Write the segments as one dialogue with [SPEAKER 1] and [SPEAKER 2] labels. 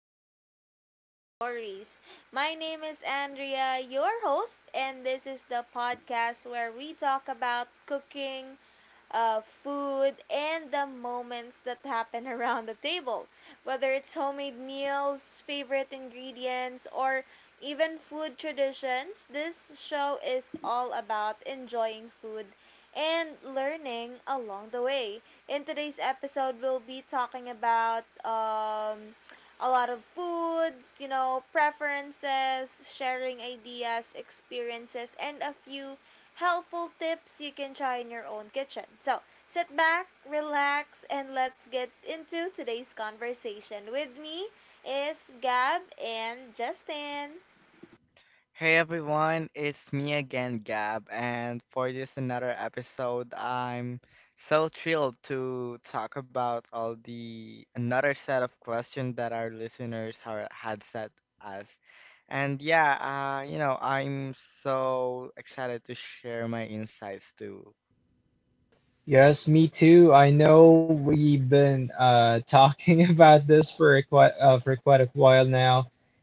[SPEAKER 1] Flavors and Stories. My name is Andrea, your host, and this is the podcast where we talk about cooking, food, and the moments that happen around the table. Whether it's homemade meals, favorite ingredients, or even food traditions, this show is all about enjoying food and learning along the way. In today's episode, we'll be talking about a lot of foods, you know, preferences, sharing ideas, experiences, and a few helpful tips you can try in your own kitchen. So, sit back, relax, and let's get into today's conversation. With me is Gab and Justin.
[SPEAKER 2] Hey everyone, it's me again, Gab, and for this another episode, I'm so thrilled to talk about all the another set of questions that our listeners are, had set us. And yeah, I'm so excited to share my insights too.
[SPEAKER 3] Yes, me too. I know we've been talking about this for a quite for quite a while now,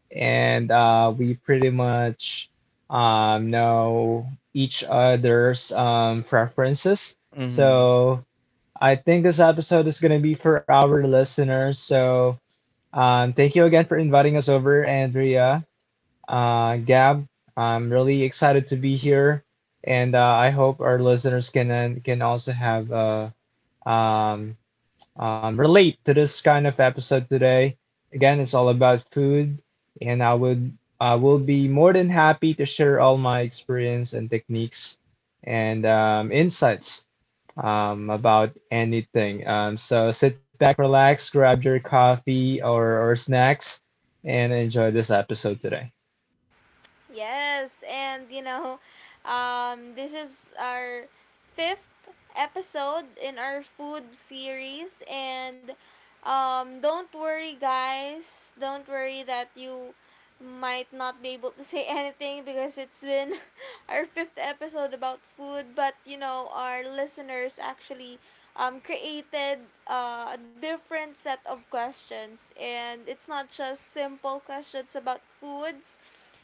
[SPEAKER 3] and we pretty much know each other's preferences.
[SPEAKER 2] Mhm.
[SPEAKER 3] So I think this episode is going to be for our listeners. So thank you again for inviting us over, Andrea, Gab. I'm really excited to be here, and I hope our listeners can can also have. Um, relate to this kind of episode today. Again, it's all about food, and I will be more than happy to share all my experience and techniques and insights about anything. So sit back, relax, grab your coffee or snacks, and enjoy this episode today.
[SPEAKER 1] Yes, and you know, this is our fifth episode in our food series, and don't worry, guys. Don't worry that you might not be able to say anything because it's been our fifth episode about food. But you know, our listeners actually created a different set of questions, and it's not just simple questions about foods,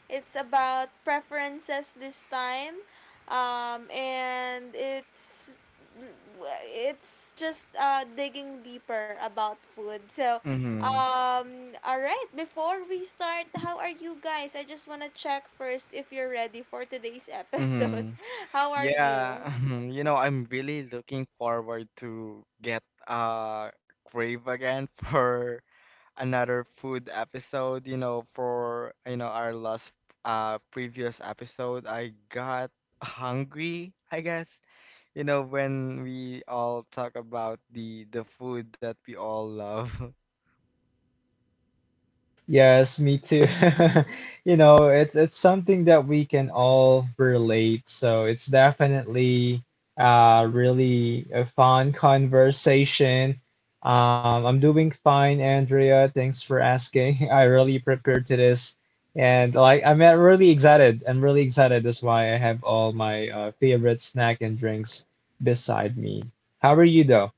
[SPEAKER 1] it's about preferences this time, and it's just digging deeper about food. So,
[SPEAKER 2] Mhm.
[SPEAKER 1] all right. Before we start, how are you guys? I just wanna check first if you're ready for today's episode.
[SPEAKER 2] Mhm.
[SPEAKER 1] How are
[SPEAKER 2] Yeah,
[SPEAKER 1] you?
[SPEAKER 2] I'm really looking forward to get uh crave again for another food episode. For our last previous episode, I got hungry. I guess you know when we all talk about the food that we all love.
[SPEAKER 3] Yes, me too. You know, it's something that we can all relate. So it's definitely really a fun conversation. I'm doing fine, Andrea. Thanks for asking. I really prepared to this, and like I'm really excited. I'm really excited. That's why I have all my favorite snack and drinks beside me. How are you though?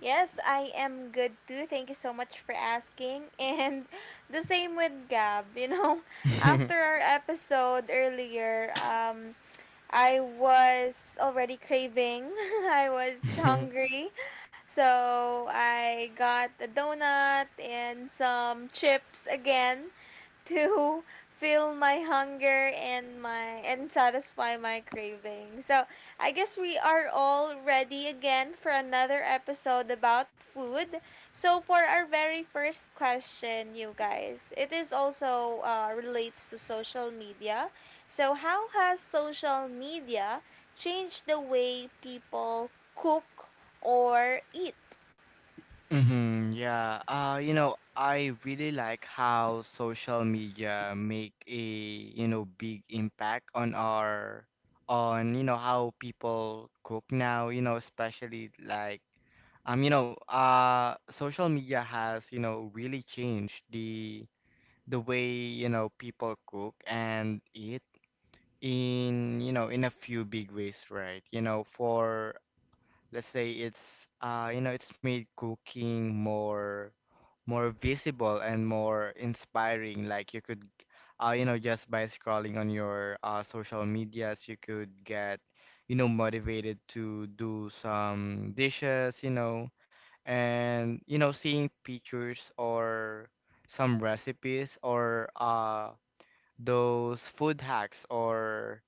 [SPEAKER 1] Yes, I am good too. Thank you so much for asking. And the same with Gab. You know, after our episode earlier, I was already craving. I was hungry. So I got a donut and some chips again to fill my hunger and my and satisfy my craving. So I guess we are all ready again for another episode about food. So for our very first question, you guys, it is also relates to social media. So how has social media changed the way people cook or eat?
[SPEAKER 2] Yeah. I really like how social media make a big impact on our on, you know, how people cook now, you know, especially like social media has, really changed the way, people cook and eat in a few big ways, right? You know, for let's say it's made cooking more visible and more inspiring. Like you could just by scrolling on your social medias, you could get, motivated to do some dishes, you know, and, you know, seeing pictures or some recipes or those food hacks or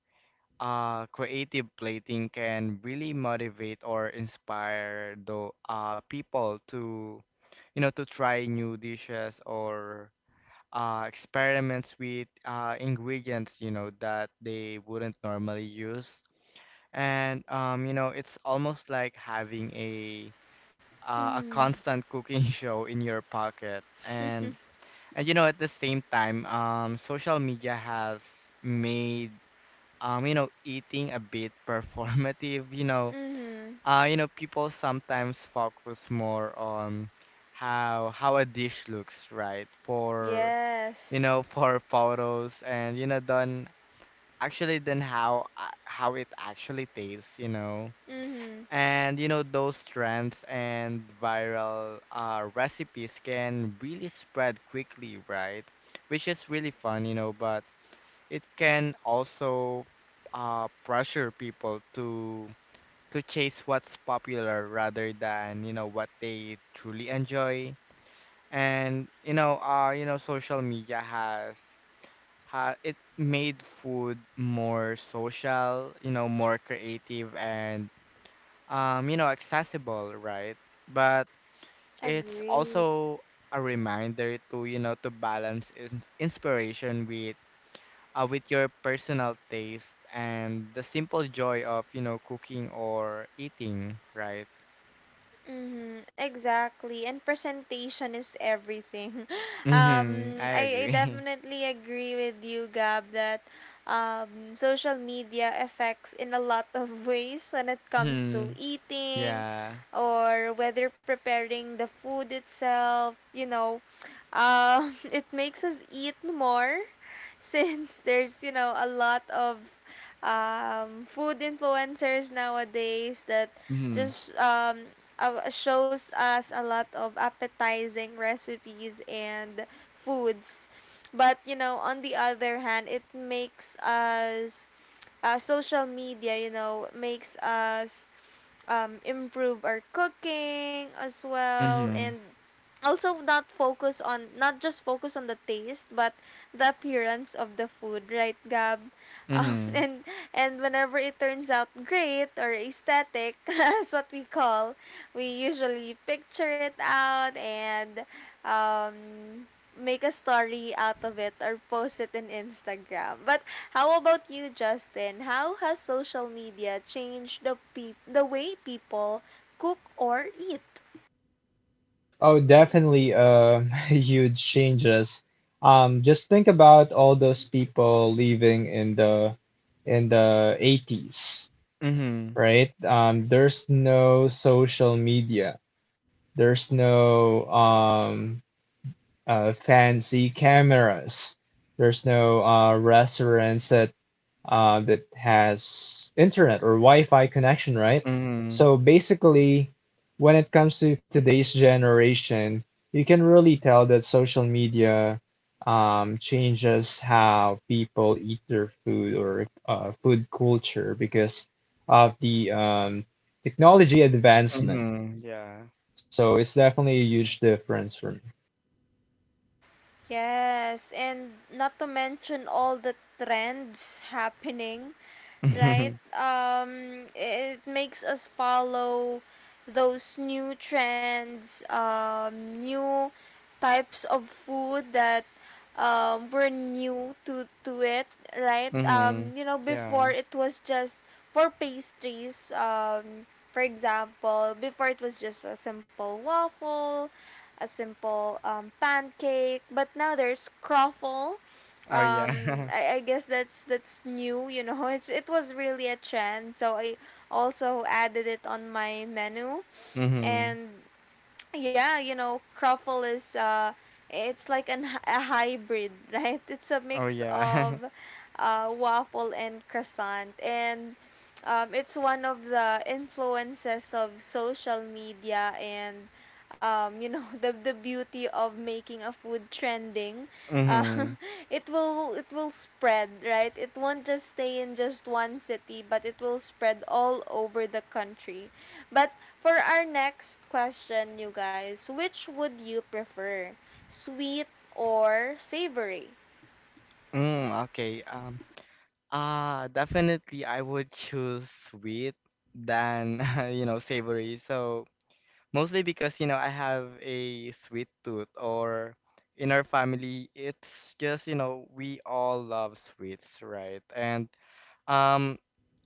[SPEAKER 2] creative plating can really motivate or inspire the people to, you know, to try new dishes or experiments with ingredients, you know, that they wouldn't normally use. And you know, it's almost like having a
[SPEAKER 1] Mm-hmm.
[SPEAKER 2] constant cooking show in your pocket. And you know, at the same time, social media has made you know, eating a bit performative. You know,
[SPEAKER 1] Mhm.
[SPEAKER 2] people sometimes focus more on how a dish looks, right? For you
[SPEAKER 1] Yes.
[SPEAKER 2] know, for photos and you know, done actually than how it actually tastes, you know.
[SPEAKER 1] Mhm.
[SPEAKER 2] And you know, those trends and viral recipes can really spread quickly, right? Which is really fun, you know, but it can also pressure people to chase what's popular rather than, you know, what they truly enjoy. And you know, social media has ha it made food more social, you know, more creative and you know, accessible, right? But it's
[SPEAKER 1] Agree.
[SPEAKER 2] also a reminder to, you know, to balance in inspiration with your personal taste and the simple joy of, you know, cooking or eating, right?
[SPEAKER 1] Mm-hmm, exactly. And presentation is everything.
[SPEAKER 2] Mhm, I
[SPEAKER 1] I
[SPEAKER 2] agree.
[SPEAKER 1] definitely agree with you, Gab, that social media affects in a lot of ways when it comes to
[SPEAKER 2] Mhm.
[SPEAKER 1] eating
[SPEAKER 2] Yeah.
[SPEAKER 1] or whether preparing the food itself. You know, it makes us eat more since there's, you know, a lot of food influencers nowadays that
[SPEAKER 2] Mhm.
[SPEAKER 1] just shows us a lot of appetizing recipes and foods. But you know, on the other hand, it makes us social media, you know, makes us improve our cooking as well
[SPEAKER 2] Mhm.
[SPEAKER 1] and also not just focus on the taste but the appearance of the food, right, Gab? um,
[SPEAKER 2] Mhm.
[SPEAKER 1] and and whenever it turns out great or aesthetic as what we call, we usually picture it out and um, make a story out of it or post it in Instagram. But how about you, Justin? How has social media changed the the way people cook or eat?
[SPEAKER 3] Oh, definitely huge changes. Just think about all those people living in the 80s,
[SPEAKER 2] Mhm.
[SPEAKER 3] right? There's no social media. There's no fancy cameras. There's no restaurants that that has internet or Wi-Fi connection, right?
[SPEAKER 2] Mhm.
[SPEAKER 3] So basically, when it comes to today's generation, you can really tell that social media changes how people eat their food or food culture because of the technology advancement.
[SPEAKER 2] Mhm. Yeah.
[SPEAKER 3] So it's definitely a huge difference for me.
[SPEAKER 1] Yes, and not to mention all the trends happening, right? It makes us follow those new trends, new types of food that were new to it, right?
[SPEAKER 2] Mhm.
[SPEAKER 1] You know, before
[SPEAKER 2] Yeah.
[SPEAKER 1] it was just for pastries. For example, before it was just a simple waffle, a simple pancake. But now there's croffle.
[SPEAKER 2] Oh yeah.
[SPEAKER 1] I guess that's new. You know, it's it was really a trend. So I also added it on my menu,
[SPEAKER 2] Mhm.
[SPEAKER 1] and yeah, you know, croffle is it's like an a hybrid, right? It's a
[SPEAKER 2] Oh
[SPEAKER 1] mix
[SPEAKER 2] yeah.
[SPEAKER 1] of waffle and croissant, and it's one of the influences of social media, and you know the beauty of making a food trending, uh,
[SPEAKER 2] Mhm.
[SPEAKER 1] it will spread, right? It won't just stay in just one city, but it will spread all over the country. But for our next question, you guys, which would you prefer, sweet or savory?
[SPEAKER 2] Mm, okay. Definitely I would choose sweet than, you know, savory. So mostly because, you know, I have a sweet tooth or in our family, it's just, you know, we all love sweets, right? And um,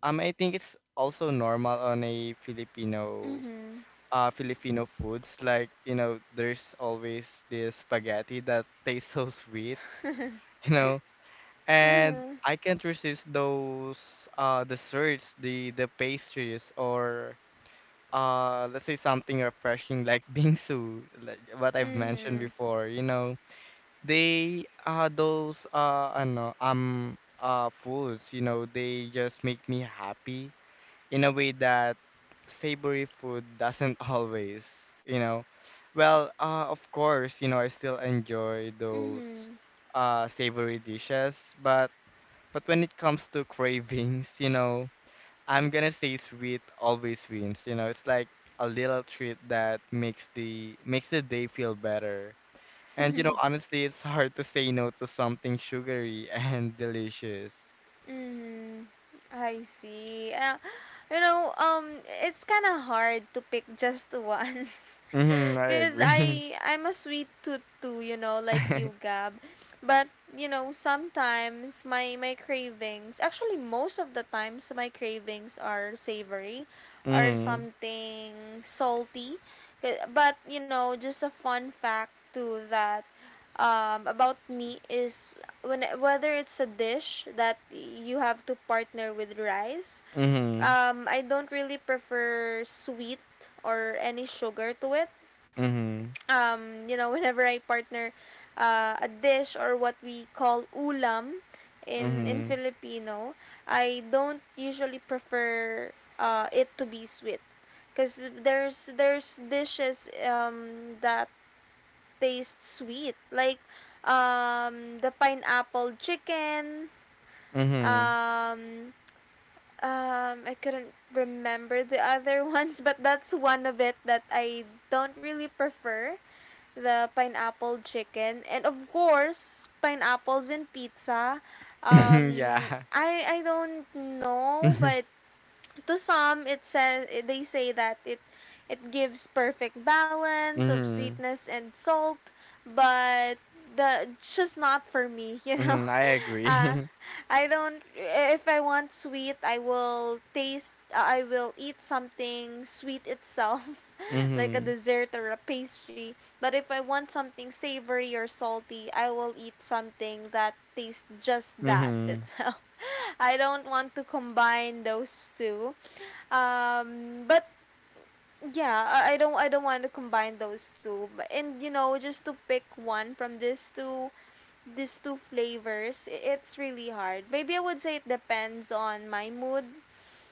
[SPEAKER 2] I think it's also normal on a Filipino
[SPEAKER 1] Mm-hmm.
[SPEAKER 2] Filipino foods. Like, you know, there's always this spaghetti that tastes so sweet, you know. And
[SPEAKER 1] Mm-hmm.
[SPEAKER 2] I can't resist those desserts, the pastries or let's say something refreshing like bingsu, like what I've mentioned
[SPEAKER 1] Mm-hmm.
[SPEAKER 2] before, you know. They those ano foods, you know, they just make me happy in a way that savory food doesn't always, you know. Well, of course, you know, I still enjoy those
[SPEAKER 1] Mm-hmm.
[SPEAKER 2] savory dishes, but when it comes to cravings, you know, I'm gonna say sweet always wins. You know, it's like a little treat that makes the day feel better. And you know, honestly, it's hard to say no to something sugary and delicious.
[SPEAKER 1] Mm, I see. You know, it's kind of hard to pick just one.
[SPEAKER 2] Mm-hmm, I
[SPEAKER 1] Cause
[SPEAKER 2] agree.
[SPEAKER 1] I'm a sweet tooth too, you know, like you, Gab. But you know, sometimes my cravings, actually most of the times my cravings are savory, or
[SPEAKER 2] Mm-hmm.
[SPEAKER 1] something salty. Eh, but you know, just a fun fact too that about me is when whether it's a dish that you have to partner with rice.
[SPEAKER 2] Mm-hmm.
[SPEAKER 1] I don't really prefer sweet or any sugar to it,
[SPEAKER 2] Mhm.
[SPEAKER 1] you know, whenever I partner a dish or what we call ulam in
[SPEAKER 2] Mhm.
[SPEAKER 1] Filipino, I don't usually prefer it to be sweet, because there's dishes that taste sweet like the pineapple chicken,
[SPEAKER 2] Mhm.
[SPEAKER 1] um I couldn't remember the other ones, but that's one of it that I don't really prefer, the pineapple chicken, and of course, pineapples and pizza.
[SPEAKER 2] Yeah.
[SPEAKER 1] I don't know,
[SPEAKER 2] Mhm.
[SPEAKER 1] but to some it says they say that it gives perfect balance of
[SPEAKER 2] Mhm.
[SPEAKER 1] sweetness and salt, but the just not for me, you know.
[SPEAKER 2] Mhm. I agree.
[SPEAKER 1] Uh, I don't. If I want sweet, I will taste. I will eat something sweet itself, like a
[SPEAKER 2] Mhm.
[SPEAKER 1] dessert or a pastry. But if I want something savory or salty, I will eat something that tastes just that
[SPEAKER 2] Mhm.
[SPEAKER 1] itself. I don't want to combine those two. But yeah, I don't want to combine those two, but and you know, just to pick one from these two flavors, it's really hard. Maybe I would say it depends on my mood.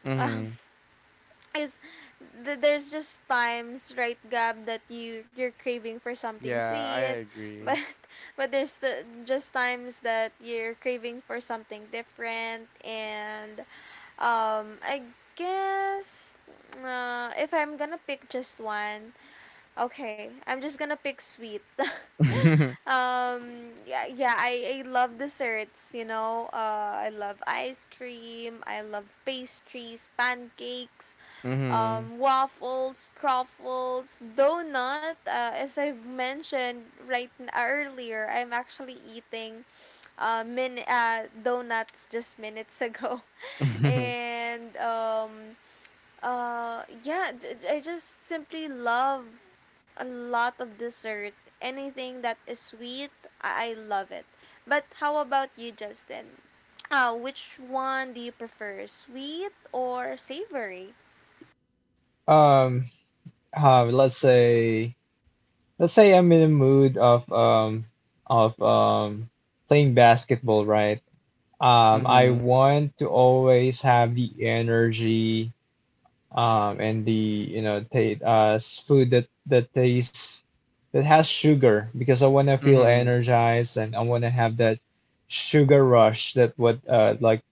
[SPEAKER 2] Mhm.
[SPEAKER 1] is there's just times, right, Gab, that you're craving for something
[SPEAKER 2] Yeah, I
[SPEAKER 1] sweet, but
[SPEAKER 2] agree.
[SPEAKER 1] but there's just times that you're craving for something different, and um i guess if I'm gonna pick just one, okay, I'm just gonna pick sweet. Um, yeah, I love desserts, you know. I love ice cream, I love pastries, pancakes,
[SPEAKER 2] Mhm.
[SPEAKER 1] waffles, croffles, donut. As I've mentioned right earlier, I'm actually eating donuts just minutes ago.
[SPEAKER 2] Mhm.
[SPEAKER 1] And yeah, I just simply love a lot of dessert. Anything that is sweet, I love it. But how about you, Justin? Which one do you prefer, sweet or savory?
[SPEAKER 3] Um, uh, let's say Let's say I'm in a mood of playing basketball, right? I want to always have the energy and the food that tastes that has sugar because I want to feel
[SPEAKER 2] Mhm.
[SPEAKER 3] energized and I want to have that sugar rush that what like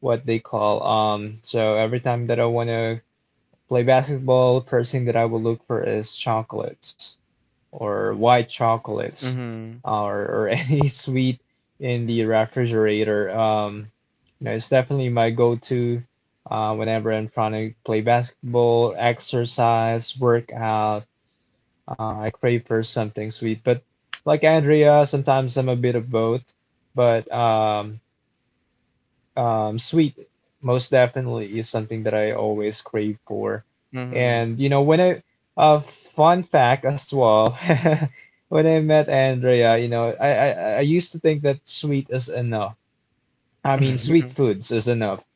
[SPEAKER 3] what they call so every time that I want to play basketball, first thing that I will look for is chocolates or white chocolates
[SPEAKER 2] Mhm.
[SPEAKER 3] or any sweet in the refrigerator. You know, it's definitely my go-to whenever I'm trying to play basketball, exercise, workout. I crave for something sweet. But like Andrea, sometimes I'm a bit of both. But sweet, most definitely, is something that I always crave for.
[SPEAKER 2] Mhm.
[SPEAKER 3] And you know, fun fact as well, when I met Andrea, you know, I used to think that sweet is enough. I mean, sweet
[SPEAKER 2] Mhm.
[SPEAKER 3] foods is enough.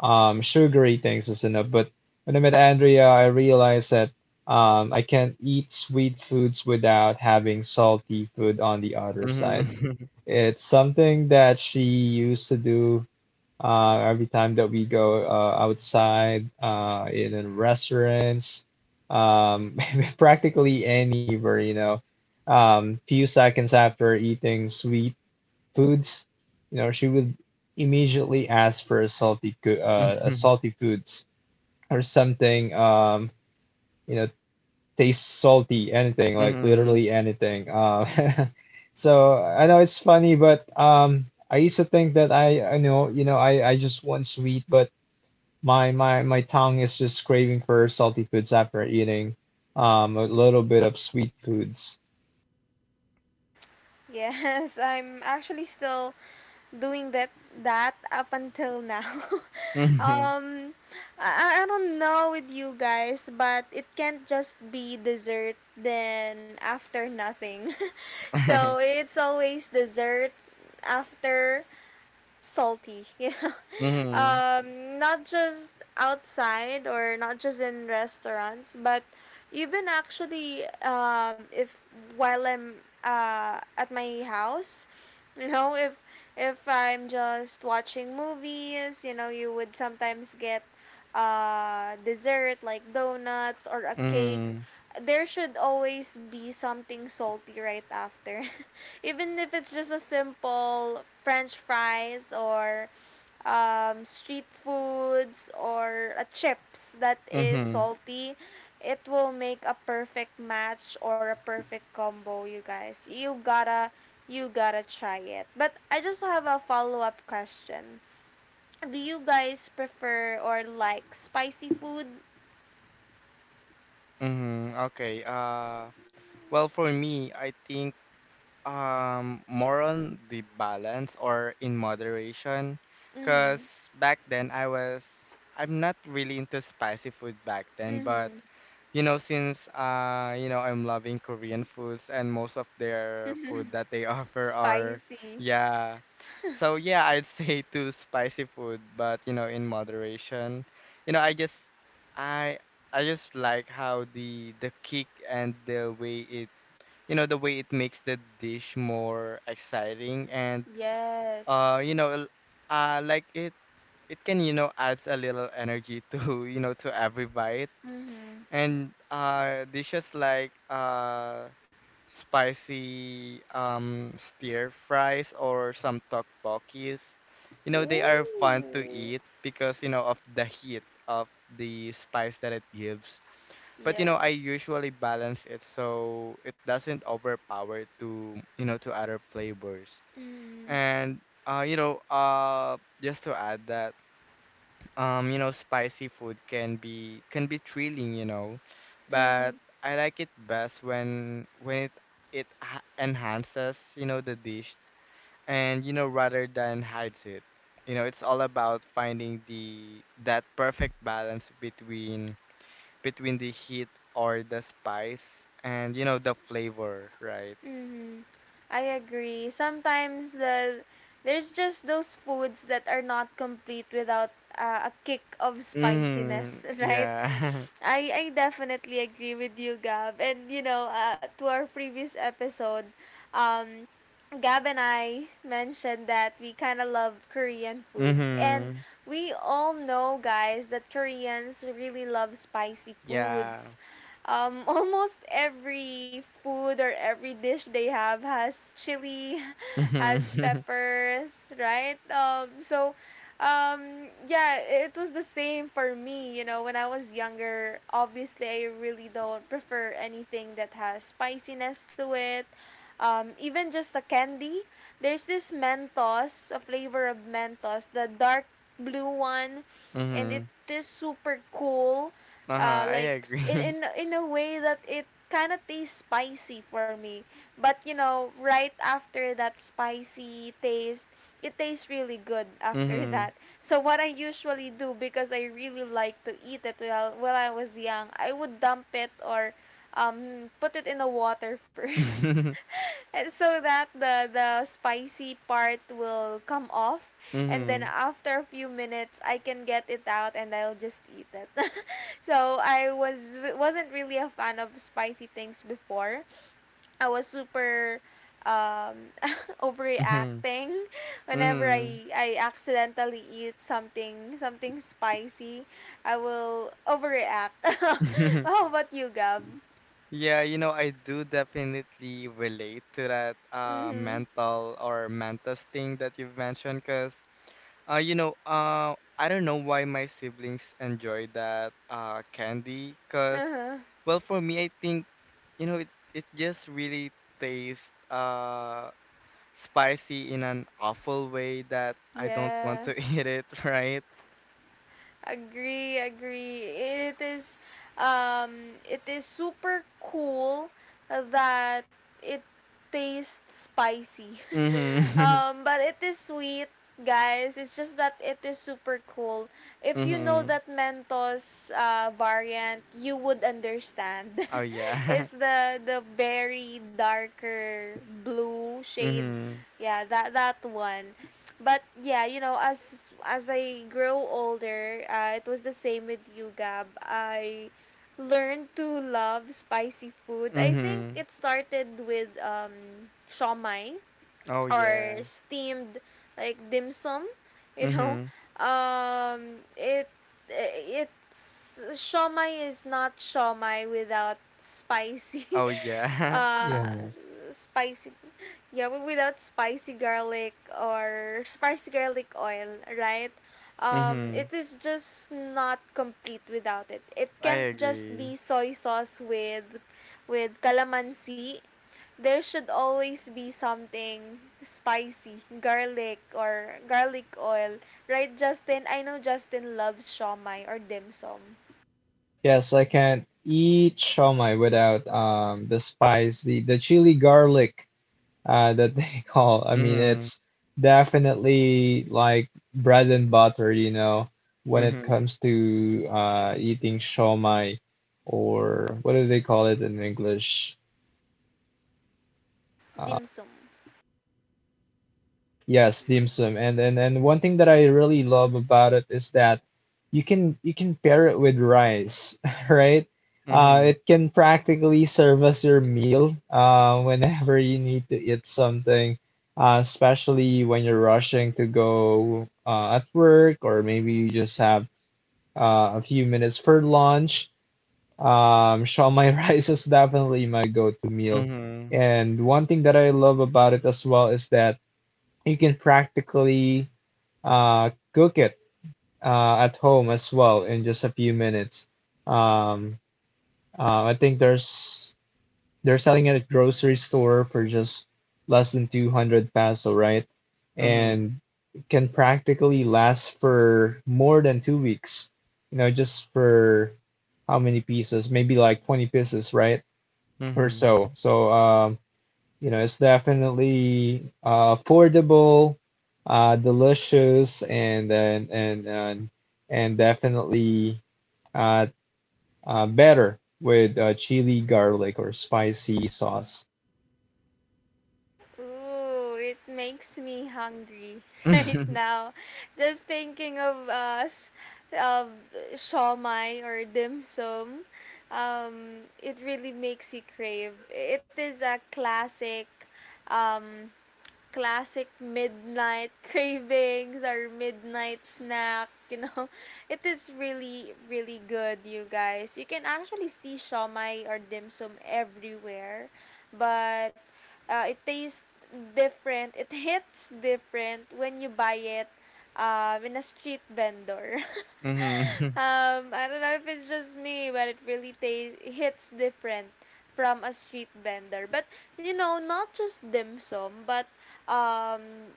[SPEAKER 3] Sugary things is enough. But when I met Andrea, I realized that I can't eat sweet foods without having salty food on the other side.
[SPEAKER 2] Mhm.
[SPEAKER 3] It's something that she used to do every time that we go outside, in restaurants, um, practically anywhere, you know, few seconds after eating sweet foods, you know, she would immediately ask for a a
[SPEAKER 2] Mhm.
[SPEAKER 3] salty foods or something, you know, tastes salty, anything, like
[SPEAKER 2] Mhm.
[SPEAKER 3] literally anything. So I know it's funny, but I used to think that you know, I just want sweet, but my tongue is just craving for salty foods after eating a little bit of sweet foods.
[SPEAKER 1] Yes, I'm actually still doing that up until now.
[SPEAKER 2] Mhm. Mhm. Mhm.
[SPEAKER 1] Um, I don't know with you guys, but it can't just be dessert then after nothing. So it's always dessert after salty, you know,
[SPEAKER 2] Mhm.
[SPEAKER 1] not just outside or not just in restaurants, but even actually if while I'm at my house, you know, if I'm just watching movies, you know, you would sometimes get dessert like donuts or a cake.
[SPEAKER 2] Mhm.
[SPEAKER 1] There should always be something salty right after. Even if it's just a simple french fries or street foods or chips that is
[SPEAKER 2] Mhm.
[SPEAKER 1] salty, it will make a perfect match or a perfect combo, you guys. You gotta try it. But I just have a follow-up question. Do you guys prefer or like spicy food?
[SPEAKER 2] Mhm. Okay. Well, for me, I think more on the balance or in moderation, because
[SPEAKER 1] Mhm.
[SPEAKER 2] back then I'm not really into spicy food back then, but
[SPEAKER 1] Mhm.
[SPEAKER 2] you know since you know I'm loving Korean foods and most of their food that they offer are
[SPEAKER 1] Spicy.
[SPEAKER 2] yeah. So yeah, I'd say to spicy food, but you know in moderation. You know, I I just like how the kick and the way it you know the way it makes the dish more exciting and uh
[SPEAKER 1] Yes.
[SPEAKER 2] you know like it can you know adds a little energy to you know to every bite
[SPEAKER 1] Mhm.
[SPEAKER 2] and dishes like spicy stir fries or some tteokbokkis you know they are fun to
[SPEAKER 1] Ooh.
[SPEAKER 2] eat because you know of the heat of the spice that it gives but you know
[SPEAKER 1] Yes.
[SPEAKER 2] I usually balance it so it doesn't overpower to you know to other flavors
[SPEAKER 1] Mhm.
[SPEAKER 2] and uh you know uh just to add that you know spicy food can be thrilling you know but
[SPEAKER 1] Mhm.
[SPEAKER 2] I like it best when it enhances you know the dish and you know rather than hides it. You know, it's all about finding the that perfect balance between the heat or the spice and you know the flavor, right?
[SPEAKER 1] Mm-hmm. I agree. Sometimes there's just those foods that are not complete without a kick of
[SPEAKER 2] Mm,
[SPEAKER 1] spiciness, right?
[SPEAKER 2] yeah.
[SPEAKER 1] I definitely agree with you, Gab. And you know, to our previous episode, um, Gab and I mentioned that we kind of love Korean foods. And
[SPEAKER 2] Mm-hmm.
[SPEAKER 1] we all know, guys, that Koreans really love spicy
[SPEAKER 2] Yeah.
[SPEAKER 1] foods. Almost every food or every dish they have has chili, has
[SPEAKER 2] Mm-hmm.
[SPEAKER 1] peppers, right? So yeah, it was the same for me. You know, when I was younger, obviously I really don't prefer anything that has spiciness to it. Even just the candy. There's this Mentos, a flavor of Mentos, the dark blue one, and it
[SPEAKER 2] Mm-hmm.
[SPEAKER 1] is super cool,
[SPEAKER 2] Uh-huh, I
[SPEAKER 1] in
[SPEAKER 2] agree.
[SPEAKER 1] a way that it kind of tastes spicy for me. But you know, right after that spicy taste, it tastes really good after
[SPEAKER 2] Mm-hmm.
[SPEAKER 1] that. So what I usually do, because I really like to eat it, while I was young, I would dump it or put it in the water first. And so that the spicy part will come off, and then
[SPEAKER 2] Mm-hmm.
[SPEAKER 1] after a few minutes I can get it out and I'll just eat it. So I was wasn't really a fan of spicy things before. I was super um
[SPEAKER 2] Mm-hmm.
[SPEAKER 1] overreacting whenever
[SPEAKER 2] Mm-hmm.
[SPEAKER 1] I accidentally eat something spicy. I will overreact. How about you, Gab?
[SPEAKER 2] Yeah, you know, I do definitely relate to that
[SPEAKER 1] Mhm.
[SPEAKER 2] mental or mantis thing that you've mentioned because I don't know why my siblings enjoy that candy, cause,
[SPEAKER 1] Uh-huh.
[SPEAKER 2] well, for me, I think, you know, it just really tastes spicy in an awful way that I don't want
[SPEAKER 1] Yeah.
[SPEAKER 2] to eat it, right?
[SPEAKER 1] Agree, agree. It is super cool that it tastes spicy.
[SPEAKER 2] Mm-hmm.
[SPEAKER 1] Um, but it is sweet, guys. It's just that it is super cool. If you know
[SPEAKER 2] Mm-hmm.
[SPEAKER 1] that Mentos variant, you would understand.
[SPEAKER 2] Oh yeah.
[SPEAKER 1] It's the very darker blue shade.
[SPEAKER 2] Mm-hmm.
[SPEAKER 1] Yeah, that one. But yeah, you know, as I grow older, it was the same with you, Gab. I learned to love spicy food. I think
[SPEAKER 2] Mm-hmm.
[SPEAKER 1] it started with shawmai
[SPEAKER 2] Oh yeah.
[SPEAKER 1] or steamed like dim sum, you know.
[SPEAKER 2] Mm-hmm.
[SPEAKER 1] Um, it it's shomai is not shomai without spicy,
[SPEAKER 2] Oh yeah.
[SPEAKER 1] uh,
[SPEAKER 3] Yes.
[SPEAKER 1] spicy, yeah, without spicy garlic or spicy garlic oil, right? Um,
[SPEAKER 2] Mm-hmm.
[SPEAKER 1] it is just not complete without it. It
[SPEAKER 2] I
[SPEAKER 1] can't just
[SPEAKER 2] agree.
[SPEAKER 1] be soy sauce with calamansi. There should always be something spicy, garlic or garlic oil. Right, Justin? I know Justin loves shawmai or dim sum.
[SPEAKER 3] Yes, I can't eat shawmai without the spice, the chili garlic that they call. I mean,
[SPEAKER 2] Mm-hmm.
[SPEAKER 3] it's definitely like bread and butter, you know, when it
[SPEAKER 2] Mm-hmm.
[SPEAKER 3] comes to eating shawmai or what do they call it in English? Uh,
[SPEAKER 1] Dim sum.
[SPEAKER 3] Yes, dim sum. And one thing that I really love about it is that you can pair it with rice, right?
[SPEAKER 2] Mm-hmm.
[SPEAKER 3] It can practically serve as your meal whenever you need to eat something, especially when you're rushing to go at work or maybe you just have a few minutes for lunch. Um, my rice is definitely my go-to meal.
[SPEAKER 2] Mm-hmm.
[SPEAKER 3] And one thing that I love about it as well is that you can practically cook it at home as well in just a few minutes. Um, I think there's they're selling it at a grocery store for just less than 200 peso, right?
[SPEAKER 2] Mm-hmm.
[SPEAKER 3] And can practically last for more than 2 weeks. You know, just for how many pieces? Maybe like 20 pieces, right? Or
[SPEAKER 2] Mhm.
[SPEAKER 3] so. So you know, it's definitely affordable, delicious, and definitely uh, better with chili, garlic, or spicy sauce.
[SPEAKER 1] Ooh, it makes me hungry right
[SPEAKER 2] Mhm.
[SPEAKER 1] now. Just thinking of us of shawmai or dim sum, it really makes you crave. It is a classic um, classic midnight cravings or midnight snack. It is really, really good, you guys. You can actually see shawmai or dim sum everywhere, but it tastes different. It hits different when you buy it in a street vendor.
[SPEAKER 2] Mhm.
[SPEAKER 1] I don't know if it's just me, but it really hits different from a street vendor. But you know, not just dim sum, but um,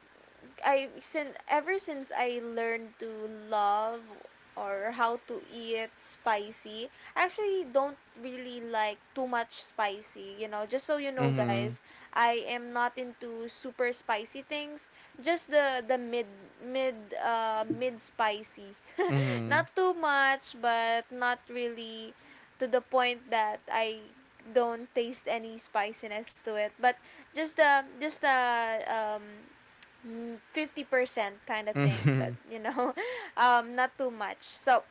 [SPEAKER 1] I since ever since I learned to love or how to eat spicy, I actually don't really like too much spicy. You know, just so you know, guys,
[SPEAKER 2] Mhm.
[SPEAKER 1] I am not into super spicy things. Just the mid spicy, not
[SPEAKER 2] Mhm.
[SPEAKER 1] too much, but not really to the point that I don't taste any spiciness to it. But just the um 50% kind of thing, not too much. So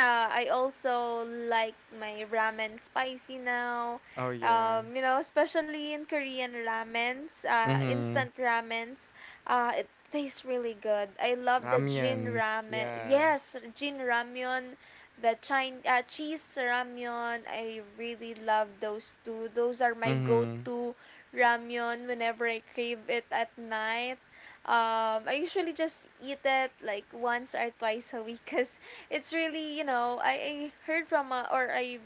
[SPEAKER 1] I also like my ramen spicy now.
[SPEAKER 2] Oh, yeah.
[SPEAKER 1] You know, especially in Korean ramens,
[SPEAKER 2] Mhm.
[SPEAKER 1] instant ramens, it tastes really good. I love the gin
[SPEAKER 2] Ramyuns,
[SPEAKER 1] ramen.
[SPEAKER 2] yeah.
[SPEAKER 1] Yes, gin ramyun, the cheese ramyun. I really love those two. Those are my
[SPEAKER 2] Mhm.
[SPEAKER 1] go-to ramyun whenever I crave it at night. I usually just eat it like once or twice a week because it's really, you know, I heard from a, or I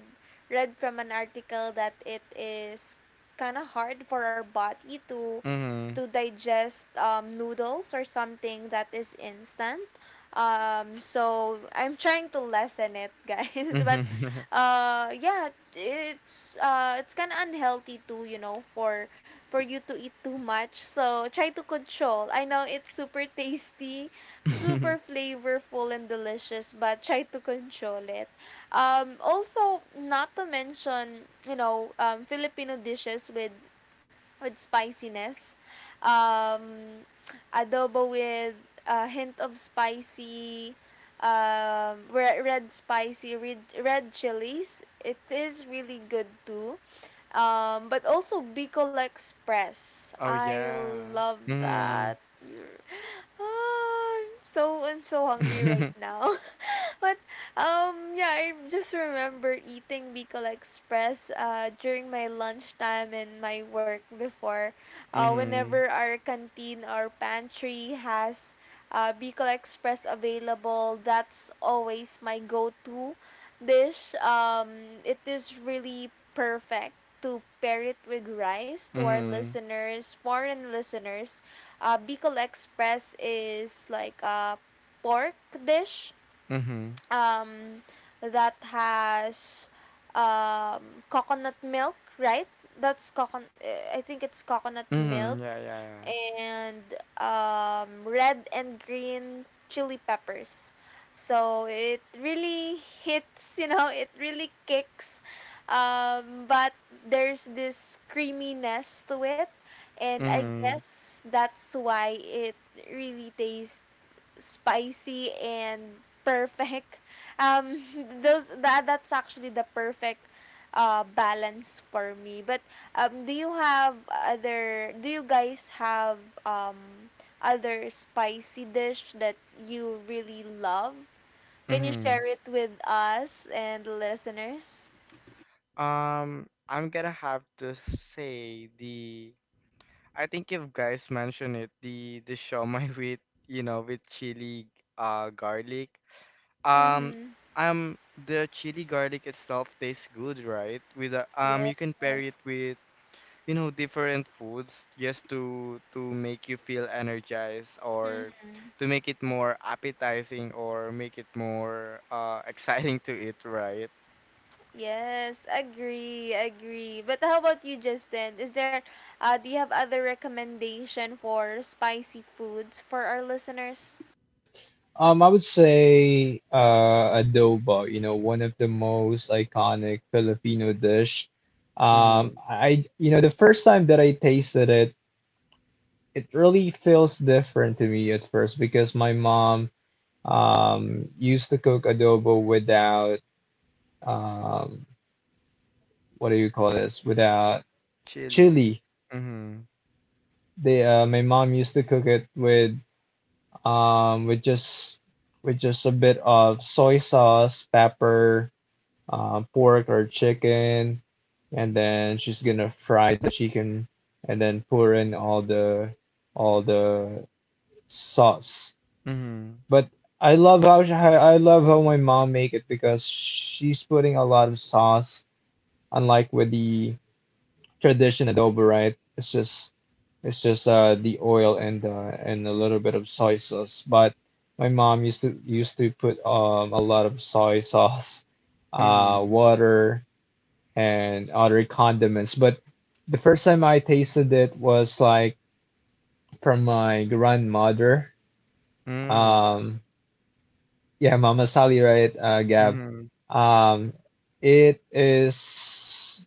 [SPEAKER 1] read from an article that it is kind of hard for our body
[SPEAKER 2] Mhm.
[SPEAKER 1] to digest noodles or something that is instant. So I'm trying to lessen it, guys. But
[SPEAKER 2] Mhm.
[SPEAKER 1] yeah, it's kind of unhealthy too, you know, for you to eat too much. So try to control. I know it's super tasty, super flavorful and delicious, but try to control it. Also, not to mention, you know, Filipino dishes with spiciness. Um, adobo with a hint of spicy, red spicy, red chilies. It is really good too. But also Bicol Express.
[SPEAKER 2] Oh,
[SPEAKER 1] I
[SPEAKER 2] yeah.
[SPEAKER 1] love
[SPEAKER 2] Mhm.
[SPEAKER 1] that. Ah, I'm so hungry right now. But yeah, I just remember eating Bicol Express during my lunchtime and my work before.
[SPEAKER 2] Mhm.
[SPEAKER 1] Whenever our canteen or pantry has Bicol Express available, that's always my go to dish. It is really perfect to pair it with rice. To our
[SPEAKER 2] Mhm.
[SPEAKER 1] listeners, foreign listeners, Bicol Express is like a pork dish
[SPEAKER 2] Mhm.
[SPEAKER 1] um, that has coconut milk, right? That's coconut. I think it's coconut milk
[SPEAKER 2] Mhm. Yeah, yeah, yeah.
[SPEAKER 1] and red and green chili peppers. So it really hits, you know, it really kicks. But there's this creaminess to it, and I
[SPEAKER 2] Mhm.
[SPEAKER 1] guess that's why it really tastes spicy and perfect. Um, those that's actually the perfect balance for me. But do you have other? Do you guys have um, other spicy dish that you really love? Can you
[SPEAKER 2] Mhm.
[SPEAKER 1] share it with us and the listeners?
[SPEAKER 2] I'm gonna have to say the I think you guys mentioned it, the shawmai with you know with chili garlic. Um,
[SPEAKER 1] Mm-hmm.
[SPEAKER 2] the chili garlic itself tastes good, right? With a, you can pair it
[SPEAKER 1] Yes.
[SPEAKER 2] with you know different foods just to make you feel energized or
[SPEAKER 1] Hmm.
[SPEAKER 2] to make it more appetizing or make it more exciting to eat, right?
[SPEAKER 1] Yes, agree, agree. But how about you, Justin? Is there, do you have other recommendation for spicy foods for our listeners?
[SPEAKER 3] I would say adobo. You know, one of the most iconic Filipino dish.
[SPEAKER 2] Mm-hmm.
[SPEAKER 3] I you know the first time that I tasted it, it really feels different to me at first because my mom used to cook adobo without um, what do you call this? Without
[SPEAKER 2] Chilies.
[SPEAKER 3] chili.
[SPEAKER 2] Mm-hmm.
[SPEAKER 3] They my mom used to cook it with um, with just with just a bit of soy sauce, pepper, pork or chicken, and then she's gonna fry the chicken and then pour in all the sauce.
[SPEAKER 2] Mm-hmm.
[SPEAKER 3] But I love how my mom make it because she's putting a lot of sauce. Unlike with the traditional adobo, right? It's just the oil and a little bit of soy sauce. But my mom used to put a lot of soy sauce, uh,
[SPEAKER 2] Mm-hmm.
[SPEAKER 3] water and other condiments. But the first time I tasted it was like from my grandmother.
[SPEAKER 2] Mm, yeah.
[SPEAKER 3] Um yeah, Mama Sally, right, uh, Gab.
[SPEAKER 2] Mm-hmm.
[SPEAKER 3] Um it is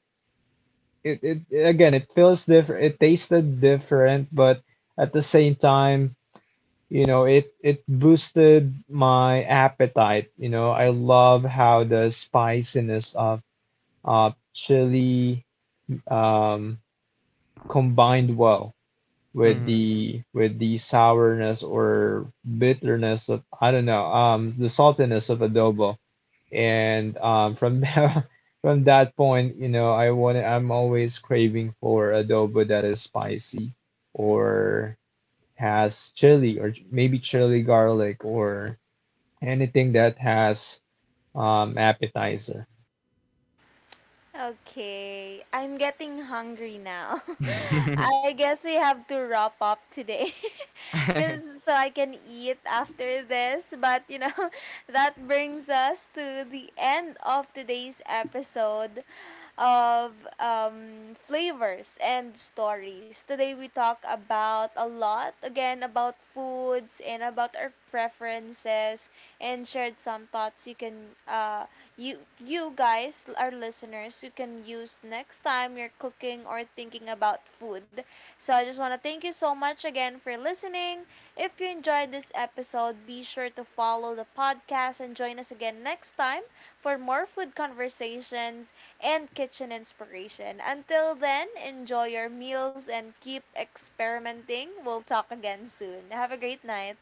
[SPEAKER 3] it again it feels different it tasted different but at the same time you know it boosted my appetite. You know, I love how the spiciness of uh, chili um combined well
[SPEAKER 2] Mm-hmm.
[SPEAKER 3] with the sourness or bitterness of I don't know the saltiness of adobo and from from that point, you know, I'm always craving for adobo that is spicy or has chili or maybe chili garlic or anything that has um, appetizer.
[SPEAKER 1] Okay, I'm getting hungry now. I guess we have to wrap up today.
[SPEAKER 2] 嗯。
[SPEAKER 1] Cuz so I can eat after this, but you know, that brings us to the end of today's episode of flavors and stories. Today we talk about a lot again about foods and about our preferences, and shared some thoughts you can you guys, our listeners, learners, you can use next time you're cooking or thinking about food. So I just want to thank you so much again for listening. If you enjoyed this episode, be sure to follow the podcast and join us again next time for more food conversations and kitchen inspiration. Until then, enjoy your meals and keep experimenting. We'll talk again soon. Have a great night.